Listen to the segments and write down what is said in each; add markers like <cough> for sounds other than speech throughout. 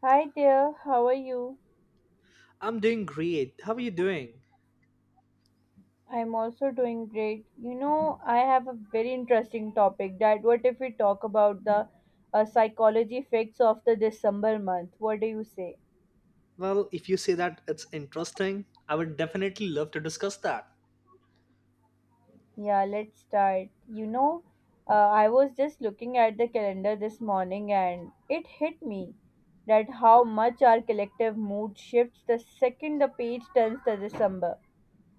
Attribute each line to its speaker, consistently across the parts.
Speaker 1: Hi there, how are you?
Speaker 2: I'm doing great. How are you doing?
Speaker 1: I'm also doing great. I have a very interesting topic that what if we talk about the psychology effects of the December month? What do you say?
Speaker 2: Well, if you say that it's interesting, I would definitely love to discuss that.
Speaker 1: Yeah, let's start. I was just looking at the calendar this morning, and it hit me that how much our collective mood shifts the second the page turns to December.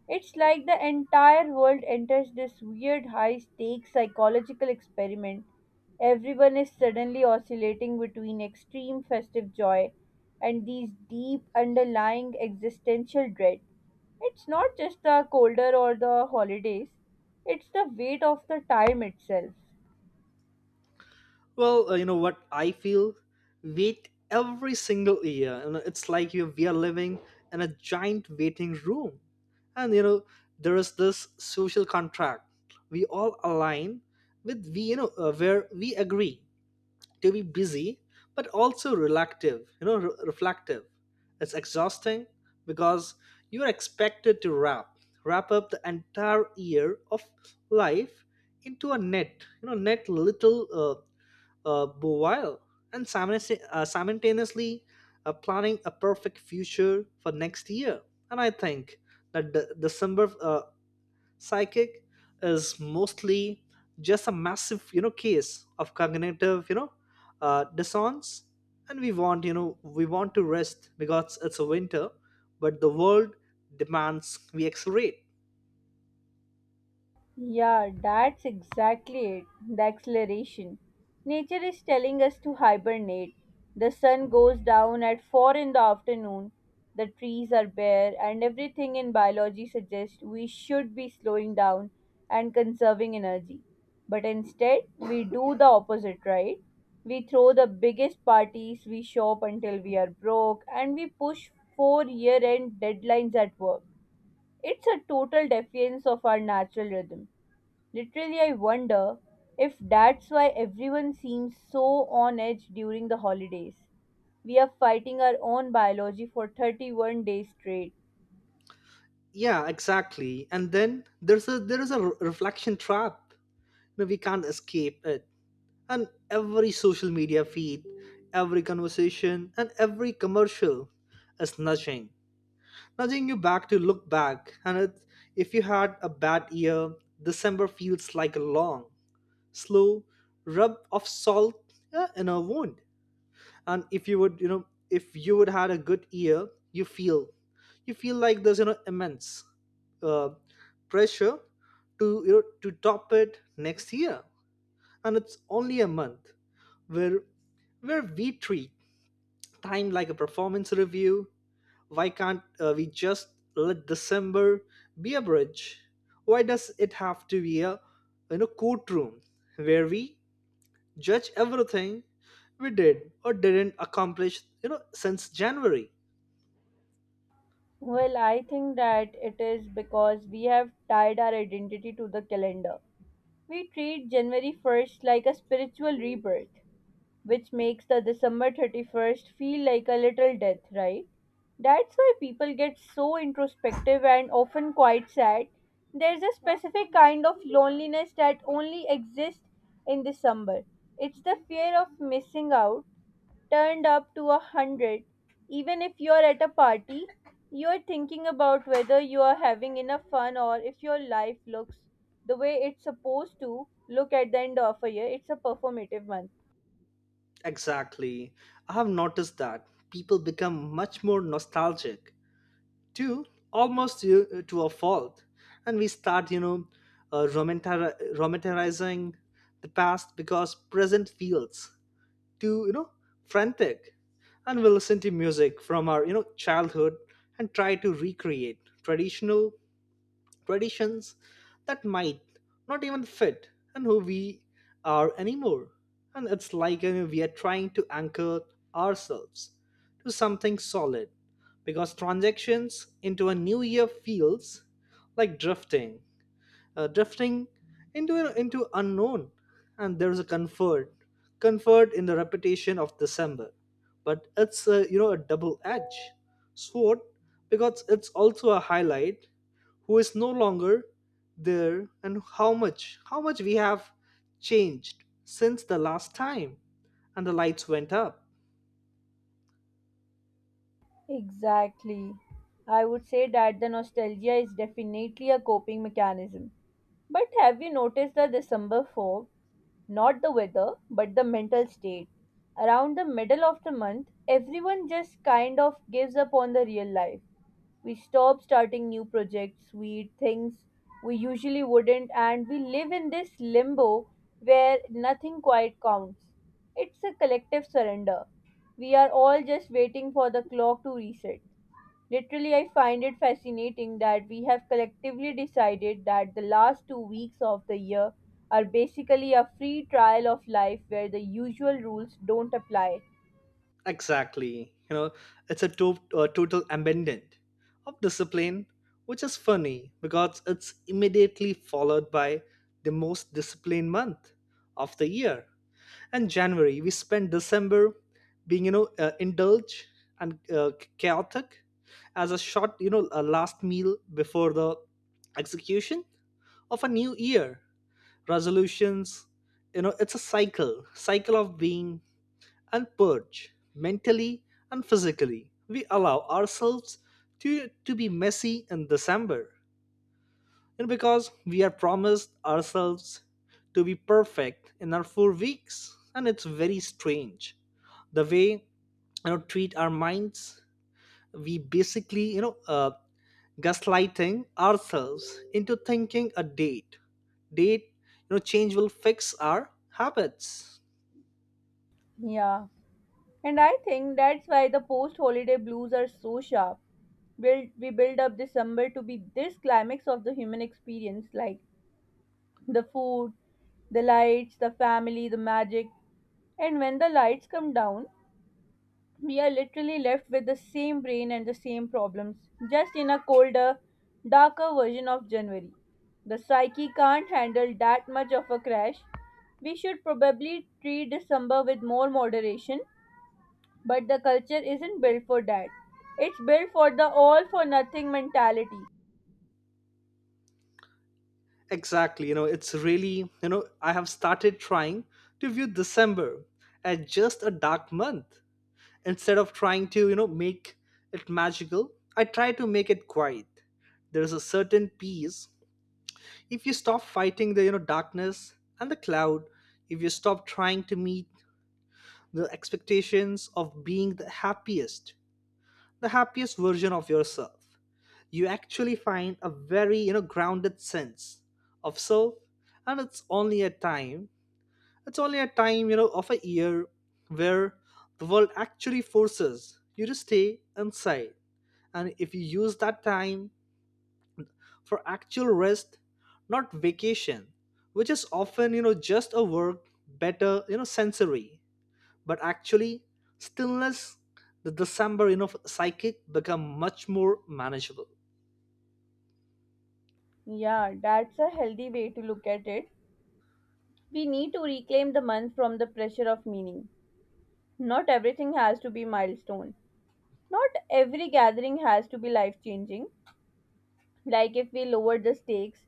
Speaker 1: It's like the entire world enters this weird high stakes psychological experiment. Everyone is suddenly oscillating between extreme festive joy and these deep underlying existential dread. It's not just the colder or the holidays, it's the weight of the time itself.
Speaker 2: Well, you know what I feel? Wait every single year. You know, it's like you we are living in a giant waiting room. And you know, there is this social contract. We all align with we you know where we agree to be busy but also reluctive reflective. It's exhausting because you are expected to wrap up the entire year of life into a net you know net little bowile, and simultaneously planning a perfect future for next year. And I think that the December psychic is mostly just a massive case of cognitive dissonance. And we want to rest because it's a winter, but the world demands we accelerate.
Speaker 1: Yeah, that's exactly it. The acceleration. Nature is telling us to hibernate. The sun goes down at 4 in the afternoon, the trees are bare, and everything in biology suggests we should be slowing down and conserving energy. But instead, we do the opposite, right? We throw the biggest parties, we shop until we are broke, and we push 4 year end deadlines at work. It's a total defiance of our natural rhythm. Literally, I wonder if that's why everyone seems so on edge during the holidays. We are fighting our own biology for 31 days straight.
Speaker 2: Yeah, exactly. And then there is a reflection trap. You we can't escape it. And every social media feed, every conversation and every commercial is nudging you back to look back. And it, if you had a bad year, December feels like a long, slow rub of salt in a wound. And if you would, you know, if you would had a good year, you feel, you feel like there's immense uh, pressure to to top it next year. And it's only a month where we treat time like a performance review. Why can't we just let December be a bridge? Why does it have to be a courtroom where we judge everything we did or didn't accomplish since January?
Speaker 1: Well, I think that it is because we have tied our identity to the calendar. We treat January 1st like a spiritual rebirth, which makes the December 31st feel like a little death, right? That's why people get so introspective and often quite sad. There's a specific kind of loneliness that only exists in December. It's the fear of missing out, turned up to 100. Even if you're at a party, you're thinking about whether you are having enough fun or if your life looks the way it's supposed to look at the end of a year. It's a performative month.
Speaker 2: Exactly. I have noticed that people become much more nostalgic too, almost to a fault, and we start romanticizing the past because present feels To you know frantic. And we listen to music from our childhood and try to recreate traditional traditions that might not even fit and who we are anymore. And it's like you know, we are trying to anchor ourselves to something solid because transactions into a new year feels like drifting into unknown. And there's a comfort in the repetition of December, but it's a, you know, a double edge sword because it's also a highlight who is no longer there and how much we have changed since the last time and the lights went up.
Speaker 1: Exactly. I would say that the nostalgia is definitely a coping mechanism. But have you noticed the December fog? Not the weather, but the mental state. Around the middle of the month, everyone just kind of gives up on the real life. We stop starting new projects, we eat things we usually wouldn't, and we live in this limbo where nothing quite counts. It's a collective surrender. We are all just waiting for the clock to reset. Literally, I find it fascinating that we have collectively decided that the last 2 weeks of the year are basically a free trial of life where the usual rules don't apply.
Speaker 2: Exactly. You know, it's a, a total abandonment of discipline, which is funny because it's immediately followed by the most disciplined month of the year. And January, we spend December being, you know, indulged and chaotic as a short, you know, a last meal before the execution of a new year. Resolutions, you know, it's a cycle of being and purge mentally and physically. We allow ourselves to be messy in December. And because we have promised ourselves to be perfect in our 4 weeks, and it's very strange the way treat our minds. We basically gaslighting ourselves into thinking a date change will fix our habits.
Speaker 1: Yeah. And I think that's why the post holiday blues are so sharp. We build up December to be this climax of the human experience, like the food, the lights, the family, the magic. And when the lights come down, we are literally left with the same brain and the same problems, just in a colder, darker version of January. The psyche can't handle that much of a crash. We should probably treat December with more moderation, but the culture isn't built for that. It's built for the all for nothing mentality.
Speaker 2: Exactly. You know, it's really, you know, I have started trying to view December as just a dark month. Instead of trying to, you know, make it magical, I try to make it quiet. There's a certain peace. If you stop fighting the, you know, darkness and the cloud, if you stop trying to meet the expectations of being the happiest version of yourself, you actually find a very grounded sense of self. And it's only a time it's only a time of a year where the world actually forces you to stay inside. And if you use that time for actual rest, not vacation, which is often just a work better sensory, but actually, stillness, the December, you know, psychic become much more manageable.
Speaker 1: Yeah, that's a healthy way to look at it. We need to reclaim the month from the pressure of meaning. Not everything has to be milestone. Not every gathering has to be life changing. Like if we lower the stakes,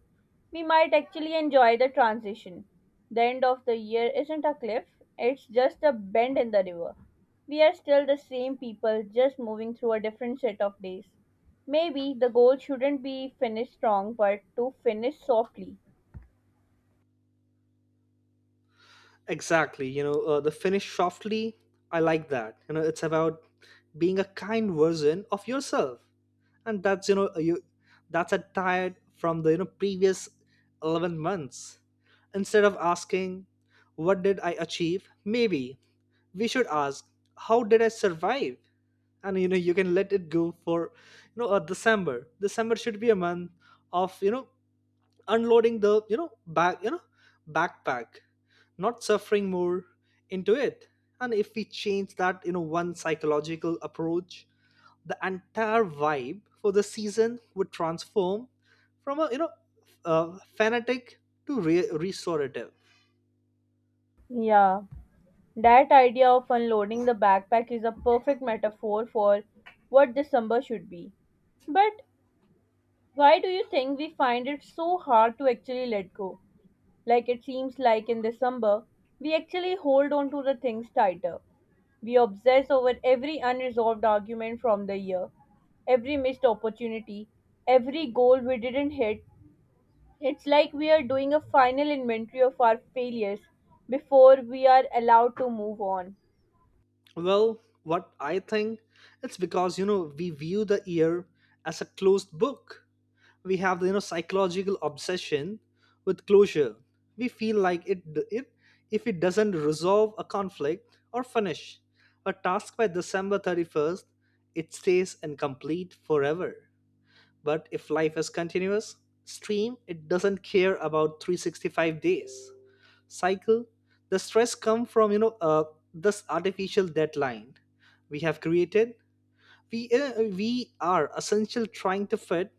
Speaker 1: we might actually enjoy the transition. The end of the year isn't a cliff, it's just a bend in the river. We are still the same people, just moving through a different set of days. Maybe the goal shouldn't be finish strong, but to finish softly.
Speaker 2: Exactly, you know, the finish softly, I like that. You know, it's about being a kind version of yourself. And that's, you know, you that's a tired from the, you know, previous 11 months. Instead of asking, what did I achieve? Maybe we should ask, how did I survive? And you know you can let it go for December should be a month of unloading the backpack, not suffering more into it. And if we change that one psychological approach, the entire vibe for the season would transform from a fanatic to restorative.
Speaker 1: Yeah, that idea of unloading the backpack is a perfect metaphor for what December should be. But why do you think we find it so hard to actually let go? Like it seems like in December, we actually hold on to the things tighter. We obsess over every unresolved argument from the year, every missed opportunity, every goal we didn't hit. It's like we are doing a final inventory of our failures before we are allowed to move on.
Speaker 2: Well, what I think, it's because you know we view the year as a closed book. We have the psychological obsession with closure. We feel like it if it doesn't resolve a conflict or finish a task by december 31st, it stays incomplete forever. But if life is continuous stream, it doesn't care about 365 days cycle. The stress come from this artificial deadline we have created. We we are essential trying to fit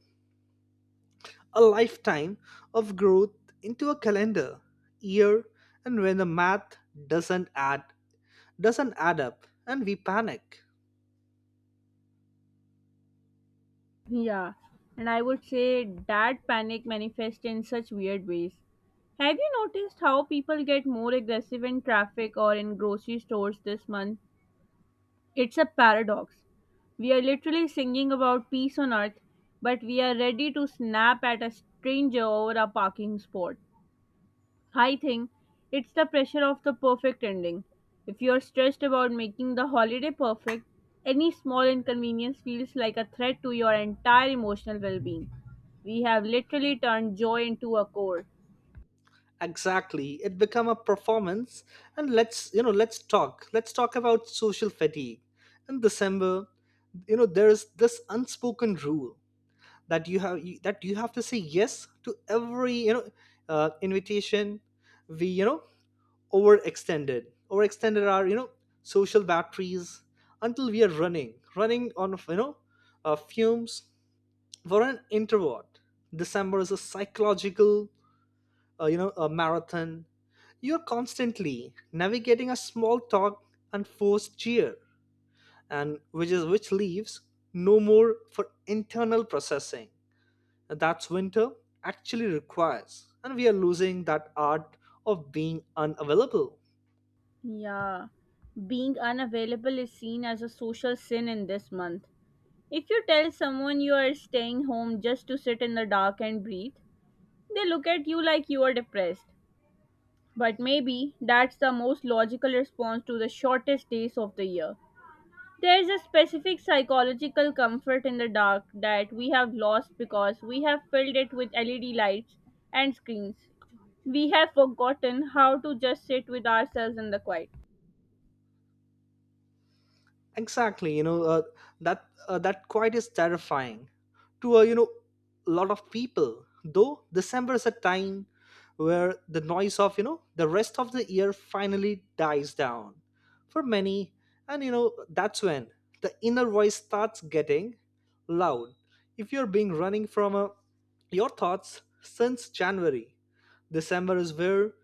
Speaker 2: a lifetime of growth into a calendar year. And when the math doesn't add doesn't add up and we panic.
Speaker 1: Yeah, and I would say that panic manifests in such weird ways. Have you noticed how people get more aggressive in traffic or in grocery stores this month? It's a paradox. We are literally singing about peace on earth, but we are ready to snap at a stranger over a parking spot. I think it's the pressure of the perfect ending. If you're stressed about making the holiday perfect, any small inconvenience feels like a threat to your entire emotional well being. We have literally turned joy into a core.
Speaker 2: Exactly, it become a performance. And let's you know let's talk about social fatigue in December. You know there is this unspoken rule that you have to say yes to every invitation. We overextended our social batteries until we are running on fumes. For an introvert, December is a psychological a marathon. You're constantly navigating a small talk and forced cheer, and which leaves no more for internal processing. And that's winter actually requires, and we are losing that art of being unavailable.
Speaker 1: Yeah, being unavailable is seen as a social sin in this month. If you tell someone you are staying home just to sit in the dark and breathe, they look at you like you are depressed. But maybe that's the most logical response to the shortest days of the year. There is a specific psychological comfort in the dark that we have lost because we have filled it with LED lights and screens. We have forgotten how to just sit with ourselves in the quiet.
Speaker 2: Exactly, you know, that quite is terrifying to a lot of people. Though December is a time where the noise of the rest of the year finally dies down for many. And you know that's when the inner voice starts getting loud. If you're being running from your thoughts since January, December is where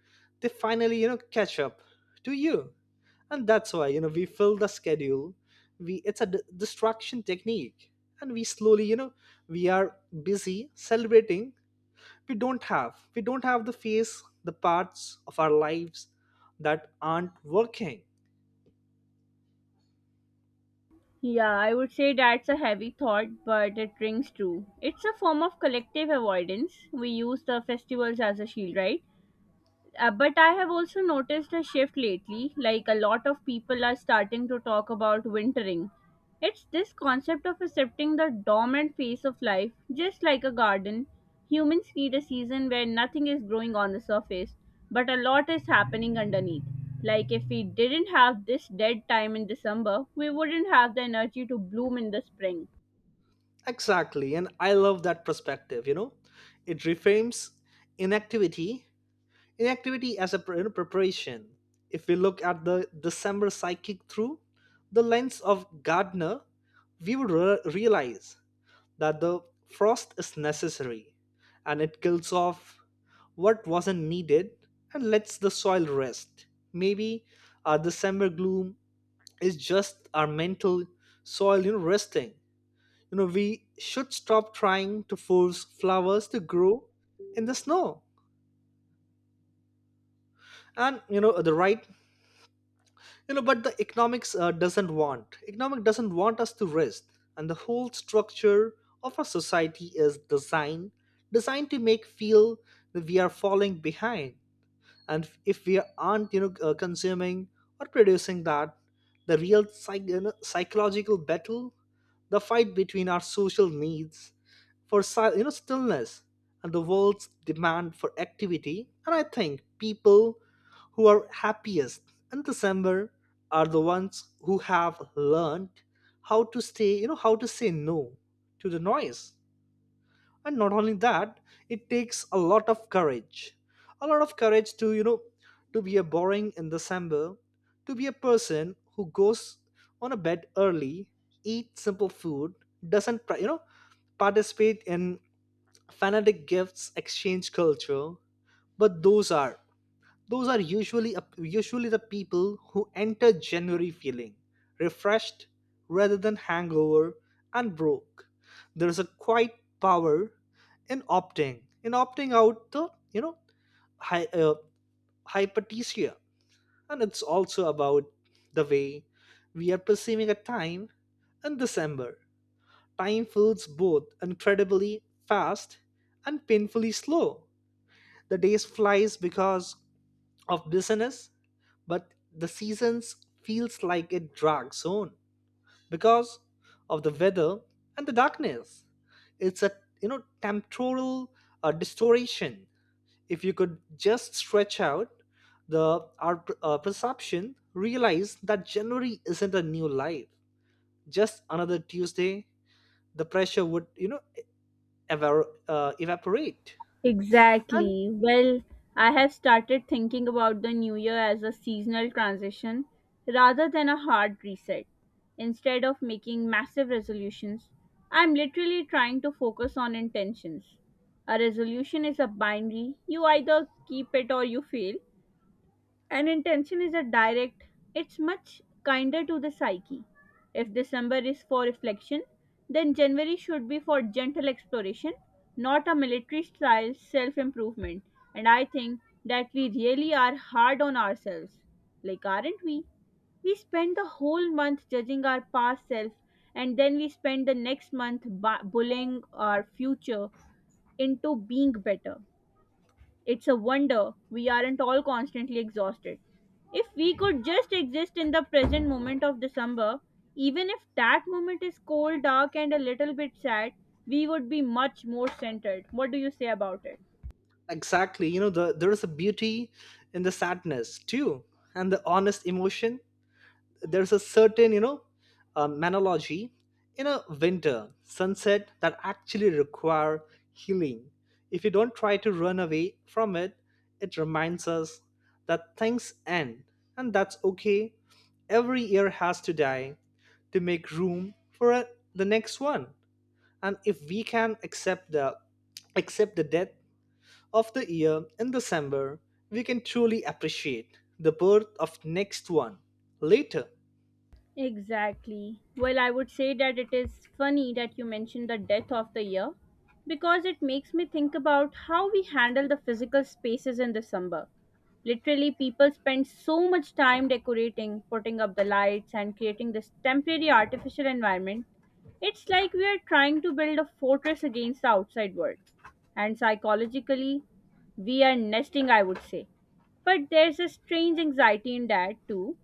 Speaker 2: they finally catch up to you. And that's why you know we fill the schedule. We it's a distraction technique. And we slowly we are busy celebrating. We don't have we don't have the face the parts of our lives that aren't working.
Speaker 1: Yeah, I would say that's a heavy thought, but it rings true. It's a form of collective avoidance. We use the festivals as a shield, right? But I have also noticed a shift lately, like a lot of people are starting to talk about wintering. It's this concept of accepting the dormant phase of life, just like a garden. Humans need a season where nothing is growing on the surface, but a lot is happening underneath. Like if we didn't have this dead time in December, we wouldn't have the energy to bloom in the spring.
Speaker 2: Exactly, and I love that perspective. You know, it reframes inactivity inactivity as a you know, preparation. If we look at the December psychic through the lens of gardner, we would realize that the frost is necessary, and it kills off what wasn't needed and lets the soil rest. Maybe our December gloom is just our mental soil, you know, resting. You know, we should stop trying to force flowers to grow in the snow. And you know, the right you know but the economics doesn't want, economic doesn't want us to rest. And the whole structure of our society is designed to make feel that we are falling behind and if we aren't consuming or producing, that the real psychological battle, the fight between our social needs for stillness and the world's demand for activity. And I think people who are happiest in December are the ones who have learned how to stay you know how to say no to the noise. And not only that, it takes a lot of courage to to be a boring in December, to be a person who goes on a bed early, eat simple food, doesn't participate in fanatic gifts exchange culture. But those are usually the people who enter January feeling refreshed rather than hangover and broke. There's a quiet power in opting out the hy- uh, hyperthesia. And it's also about the way we are perceiving a time in December. Time feels both incredibly fast and painfully slow. The days flies because of business, but the seasons feels like a drag zone because of the weather and the darkness. It's a temporal distortion. If you could just stretch out the our perception, realize that January isn't a new life, just another Tuesday. The pressure would evaporate, and
Speaker 1: Exactly. Well, I have started thinking about the new year as a seasonal transition rather than a hard reset. Instead of making massive resolutions, I'm literally trying to focus on intentions. A resolution is a binary, you either keep it or you fail, and intention is a direct, it's much kinder to the psyche. If December is for reflection, then January should be for gentle exploration, not a military style self improvement. And I think that we really are hard on ourselves. Like, aren't we? We spend the whole month judging our past self, and then we spend the next month bullying our future into being better. It's a wonder we aren't all constantly exhausted. If we could just exist in the present moment of December, even if that moment is cold, dark, and a little bit sad, we would be much more centered. What do you say about it?
Speaker 2: exactly. You know, the, there is a beauty in the sadness too, and the honest emotion. There's a certain, you know, manology in a winter sunset that actually require healing. If you don't try to run away from it, it reminds us that things end, and that's okay. Every year has to die to make room for the next one. And if we can accept the death of the year in December, we can truly appreciate the birth of next one later.
Speaker 1: Exactly. Well, I would say that it is funny that you mentioned the death of the year because it makes me think about how we handle the physical spaces in December. Literally, people spend so much time decorating, putting up the lights, and creating this temporary artificial environment. It's like we are trying to build a fortress against the outside world. And psychologically, we are nesting, I would say. But there's a strange anxiety in that too,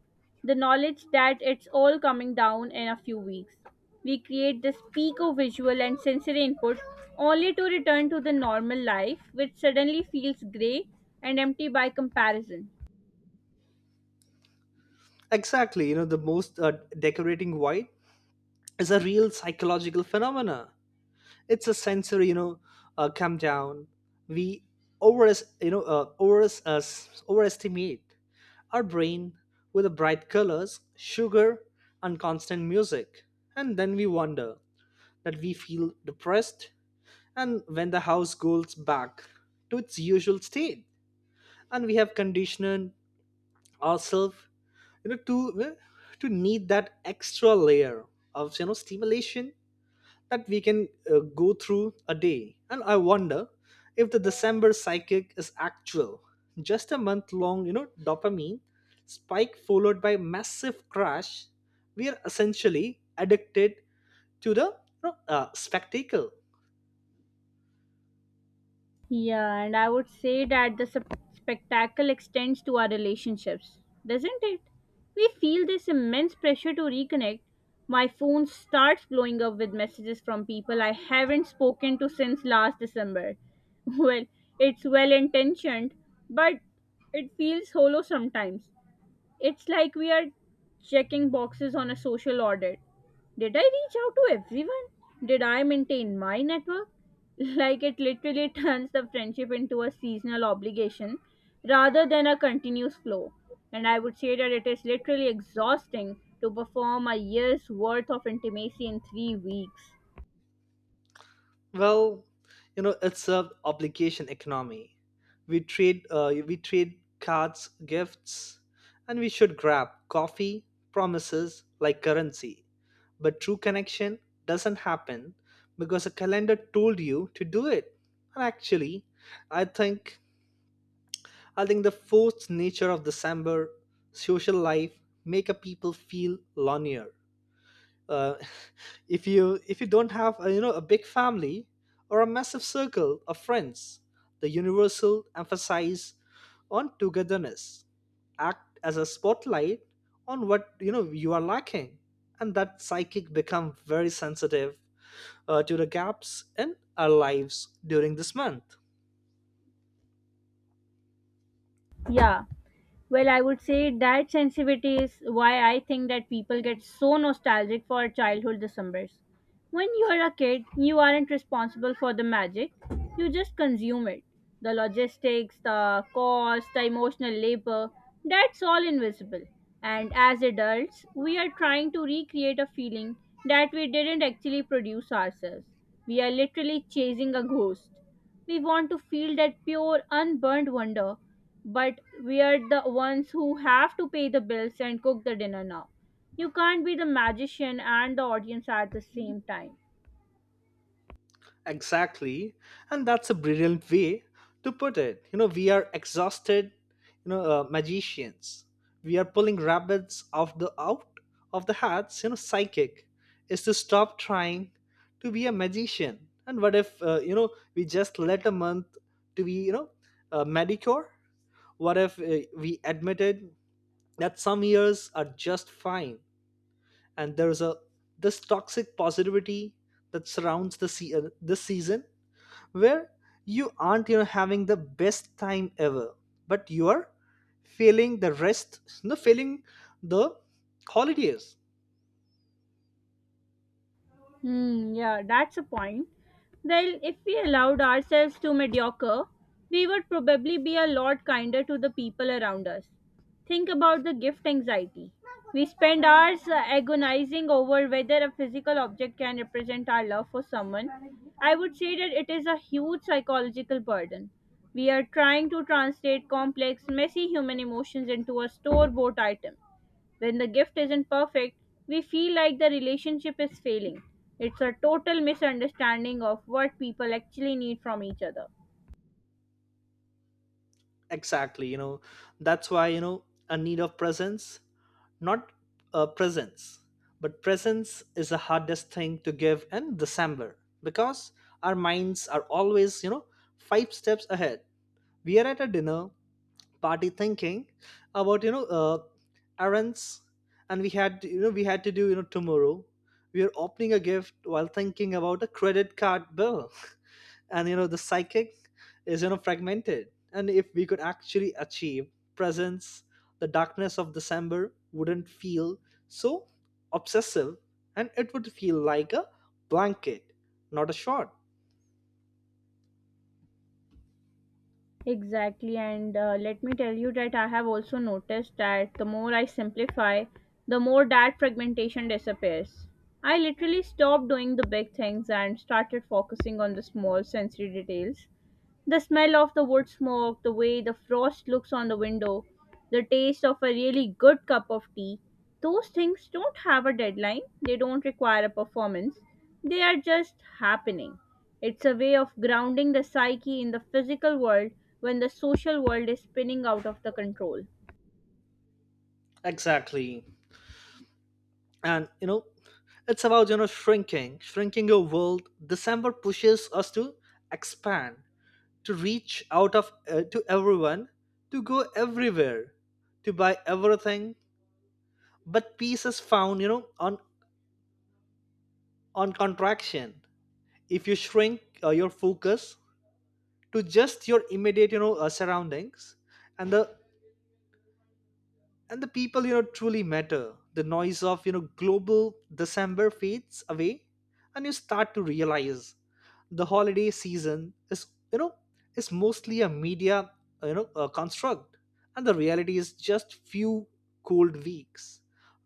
Speaker 1: the knowledge that it's all coming down in a few weeks. We create this peak of visual and sensory input only to return to the normal life, which suddenly feels grey and empty by comparison.
Speaker 2: Exactly, the most decorating white is a real psychological phenomena. It's a sensory, come down. We over, you know, uh, over, uh, overestimate our brain with the bright colors, sugar, and constant music, and then we wonder that we feel depressed and when the house goes back to its usual state and we have conditioned ourselves to need that extra layer of stimulation that we can go through a day. And I wonder if the December psychic is actual just a month long, dopamine spike followed by massive crash. We are essentially addicted to the spectacle.
Speaker 1: Yeah, and I would say that the spectacle extends to our relationships, doesn't it? We feel this immense pressure to reconnect. My phone starts blowing up with messages from people I haven't spoken to since last December. <laughs> Well, it's well intentioned, but it feels hollow sometimes. It's like we are checking boxes on a social audit. Did I reach out to everyone? Did I maintain my network? <laughs> Like it literally <laughs> turns the friendship into a seasonal obligation rather than a continuous flow. And I would say that it is literally exhausting to perform a year's worth of intimacy in 3 weeks.
Speaker 2: Well, it's a obligation economy. We trade, cards, gifts, and we should grab coffee, promises like currency. But true connection doesn't happen because a calendar told you to do it. And actually, I think I think the forced nature of December social life make a people feel lonelier. uh, <laughs> if you don't have a, a big family or a massive circle of friends, the universal emphasis on togetherness act as a spotlight on what you are lacking, and that psychic become very sensitive to the gaps in our lives during this month.
Speaker 1: Yeah. Well, I would say that sensitivity is why I think that people get so nostalgic for childhood Decembers. When you are a kid, you aren't responsible for the magic, you just consume it. The logistics, the cost, the emotional labor, that's all invisible. And as adults, we are trying to recreate a feeling that we didn't actually produce ourselves. We are literally chasing a ghost. We want to feel that pure, unburnt wonder, but we are the ones who have to pay the bills and cook the dinner now. You can't be the magician and the audience at the same time.
Speaker 2: Exactly. And that's a brilliant way to put it. You know, we are exhausted, magicians. We are pulling rabbits off the out of the hats. Psychic is to stop trying to be a magician. And what if, we just let a month to be, Medicare? What if we admitted that some years are just fine, and there's a this toxic positivity that surrounds the this season, where you aren't, having the best time ever, but you are failing the rest. No, failing the holidays.
Speaker 1: Hmm, yeah, that's a point. Well, if we allowed ourselves to mediocre, we would probably be a lot kinder to the people around us. Think about the gift anxiety. We spend hours agonizing over whether a physical object can represent our love for someone. I would say that it is a huge psychological burden. We are trying to translate complex, messy human emotions into a store bought item. When the gift isn't perfect, we feel like the relationship is failing. It's a total misunderstanding of what people actually need from each other.
Speaker 2: Exactly. That's why, a need of presence, not a presence, but presence is the hardest thing to give in December, because our minds are always, five steps ahead. We are at a dinner party thinking about, errands, and we had, we had to do, tomorrow. We are opening a gift while thinking about a credit card bill. <laughs> And the psychic is, fragmented. And if we could actually achieve presence, the darkness of December wouldn't feel so obsessive, and it would feel like a blanket, not a shot.
Speaker 1: Exactly, and let me tell you that I have also noticed that the more I simplify, the more that fragmentation disappears. I literally stopped doing the big things and started focusing on the small sensory details. The smell of the wood smoke, the way the frost looks on the window, the taste of a really good cup of tea. Those things don't have a deadline, they don't require a performance, they are just happening. It's a way of grounding the psyche in the physical world when the social world is spinning out of the control.
Speaker 2: Exactly. And it's about, shrinking your world. December pushes us to expand, to reach out of, to everyone, to go everywhere, to buy everything. But peace is found, on contraction. If you shrink, your focus to just your immediate, surroundings, and the people, truly matter, the noise of, global December fades away, and you start to realize the holiday season is, you know is mostly a media, construct. And the reality is just few cold weeks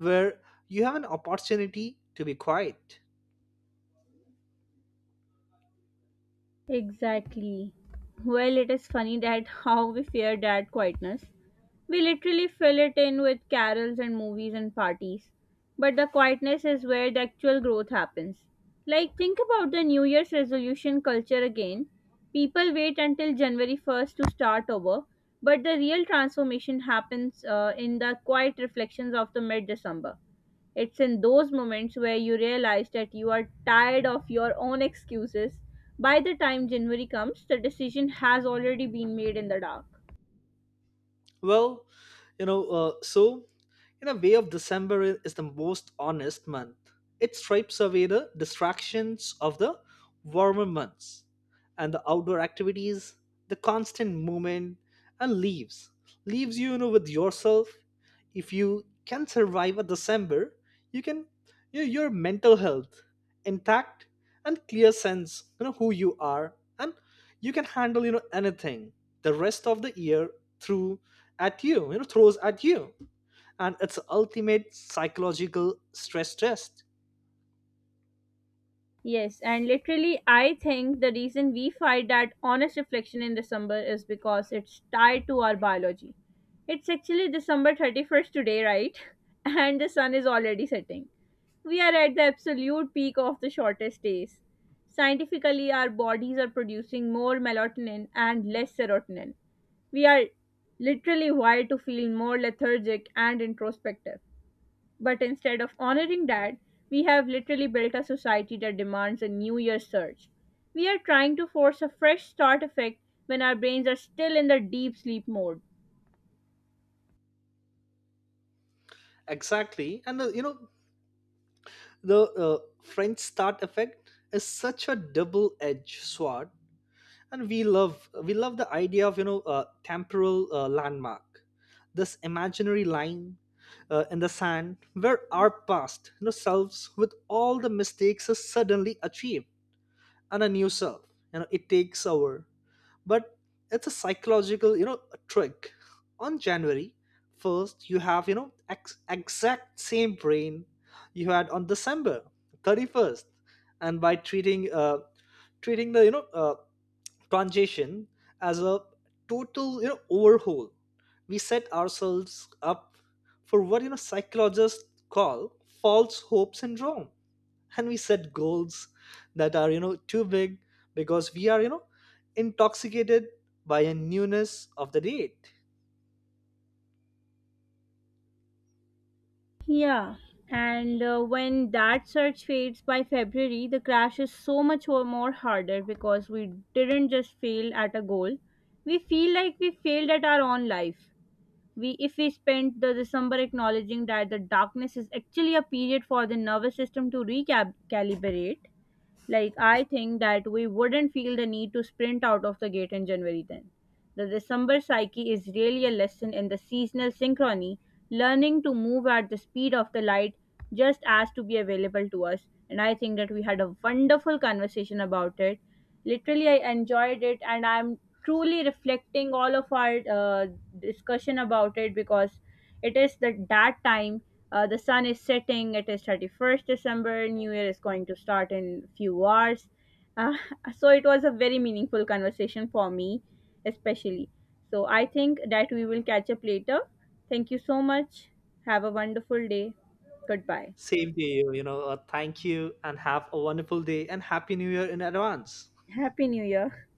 Speaker 2: where you have an opportunity to be quiet.
Speaker 1: Exactly. Well, it is funny that <laughs> how we fear that quietness. We literally fill it in with carols and movies and parties. But the quietness is where the actual growth happens. Like, think about the New Year's resolution culture again. People wait until January 1st to start over, but the real transformation happens in the quiet reflections of the mid December. It's in those moments where you realize that you are tired of your own excuses. By the time January comes, the decision has already been made in the dark.
Speaker 2: Well, so in a way of December is the most honest month. It strips away the distractions of the warmer months and the outdoor activities, the constant movement, and leaves. You, you know with yourself. If you can survive a December, you can, your mental health intact and clear sense, who you are, and you can handle, anything the rest of the year through at you, throws at you. And it's ultimate psychological stress test.
Speaker 1: Yes, and literally, I think the reason we find that honest reflection in December is because it's tied to our biology. It's actually December 31st today, right? <laughs> And the sun is already setting. We are at the absolute peak of the shortest days. Scientifically, our bodies are producing more melatonin and less serotonin. We are literally wired to feel more lethargic and introspective. But instead of honoring that, we have literally built a society that demands a New Year's surge. We are trying to force a fresh start effect when our brains are still in the deep sleep mode.
Speaker 2: Exactly. And the french start effect is such a double edged sword. And we love the idea of, temporal, landmark, this imaginary line, in the sand, where our past, selves with all the mistakes is suddenly achieved, and a new self, it takes over. But it's a psychological, trick. On January 1st, you have, exact same brain you had on December 31st. And by treating the, transition as a total, overhaul, we set ourselves up for what, psychologists call false hope syndrome. And we set goals that are, too big, because we are, intoxicated by a newness of the date.
Speaker 1: Yeah, and when that surge fades by February, the crash is so much more harder because we didn't just fail at a goal, we feel like we failed at our own life. We if we spend the december acknowledging that the darkness is actually a period for the nervous system to recalibrate, like, I think that we wouldn't feel the need to sprint out of the gate in January then. The December psyche is really a lesson in the seasonal synchrony, learning to move at the speed of the light just as to be available to us. And I think that we had a wonderful conversation about it. Literally, I enjoyed it, and I'm truly reflecting all of our discussion about it, because it is the that time, the sun is setting. It is 31st December. New Year is going to start in few hours. Uh, <laughs> so it was a very meaningful conversation for me, especially. So I think that we will catch up later. Thank you so much. Have a wonderful day. Goodbye.
Speaker 2: Same to you. You know Thank you, and have a wonderful day, and happy new year in advance.
Speaker 1: Happy New Year.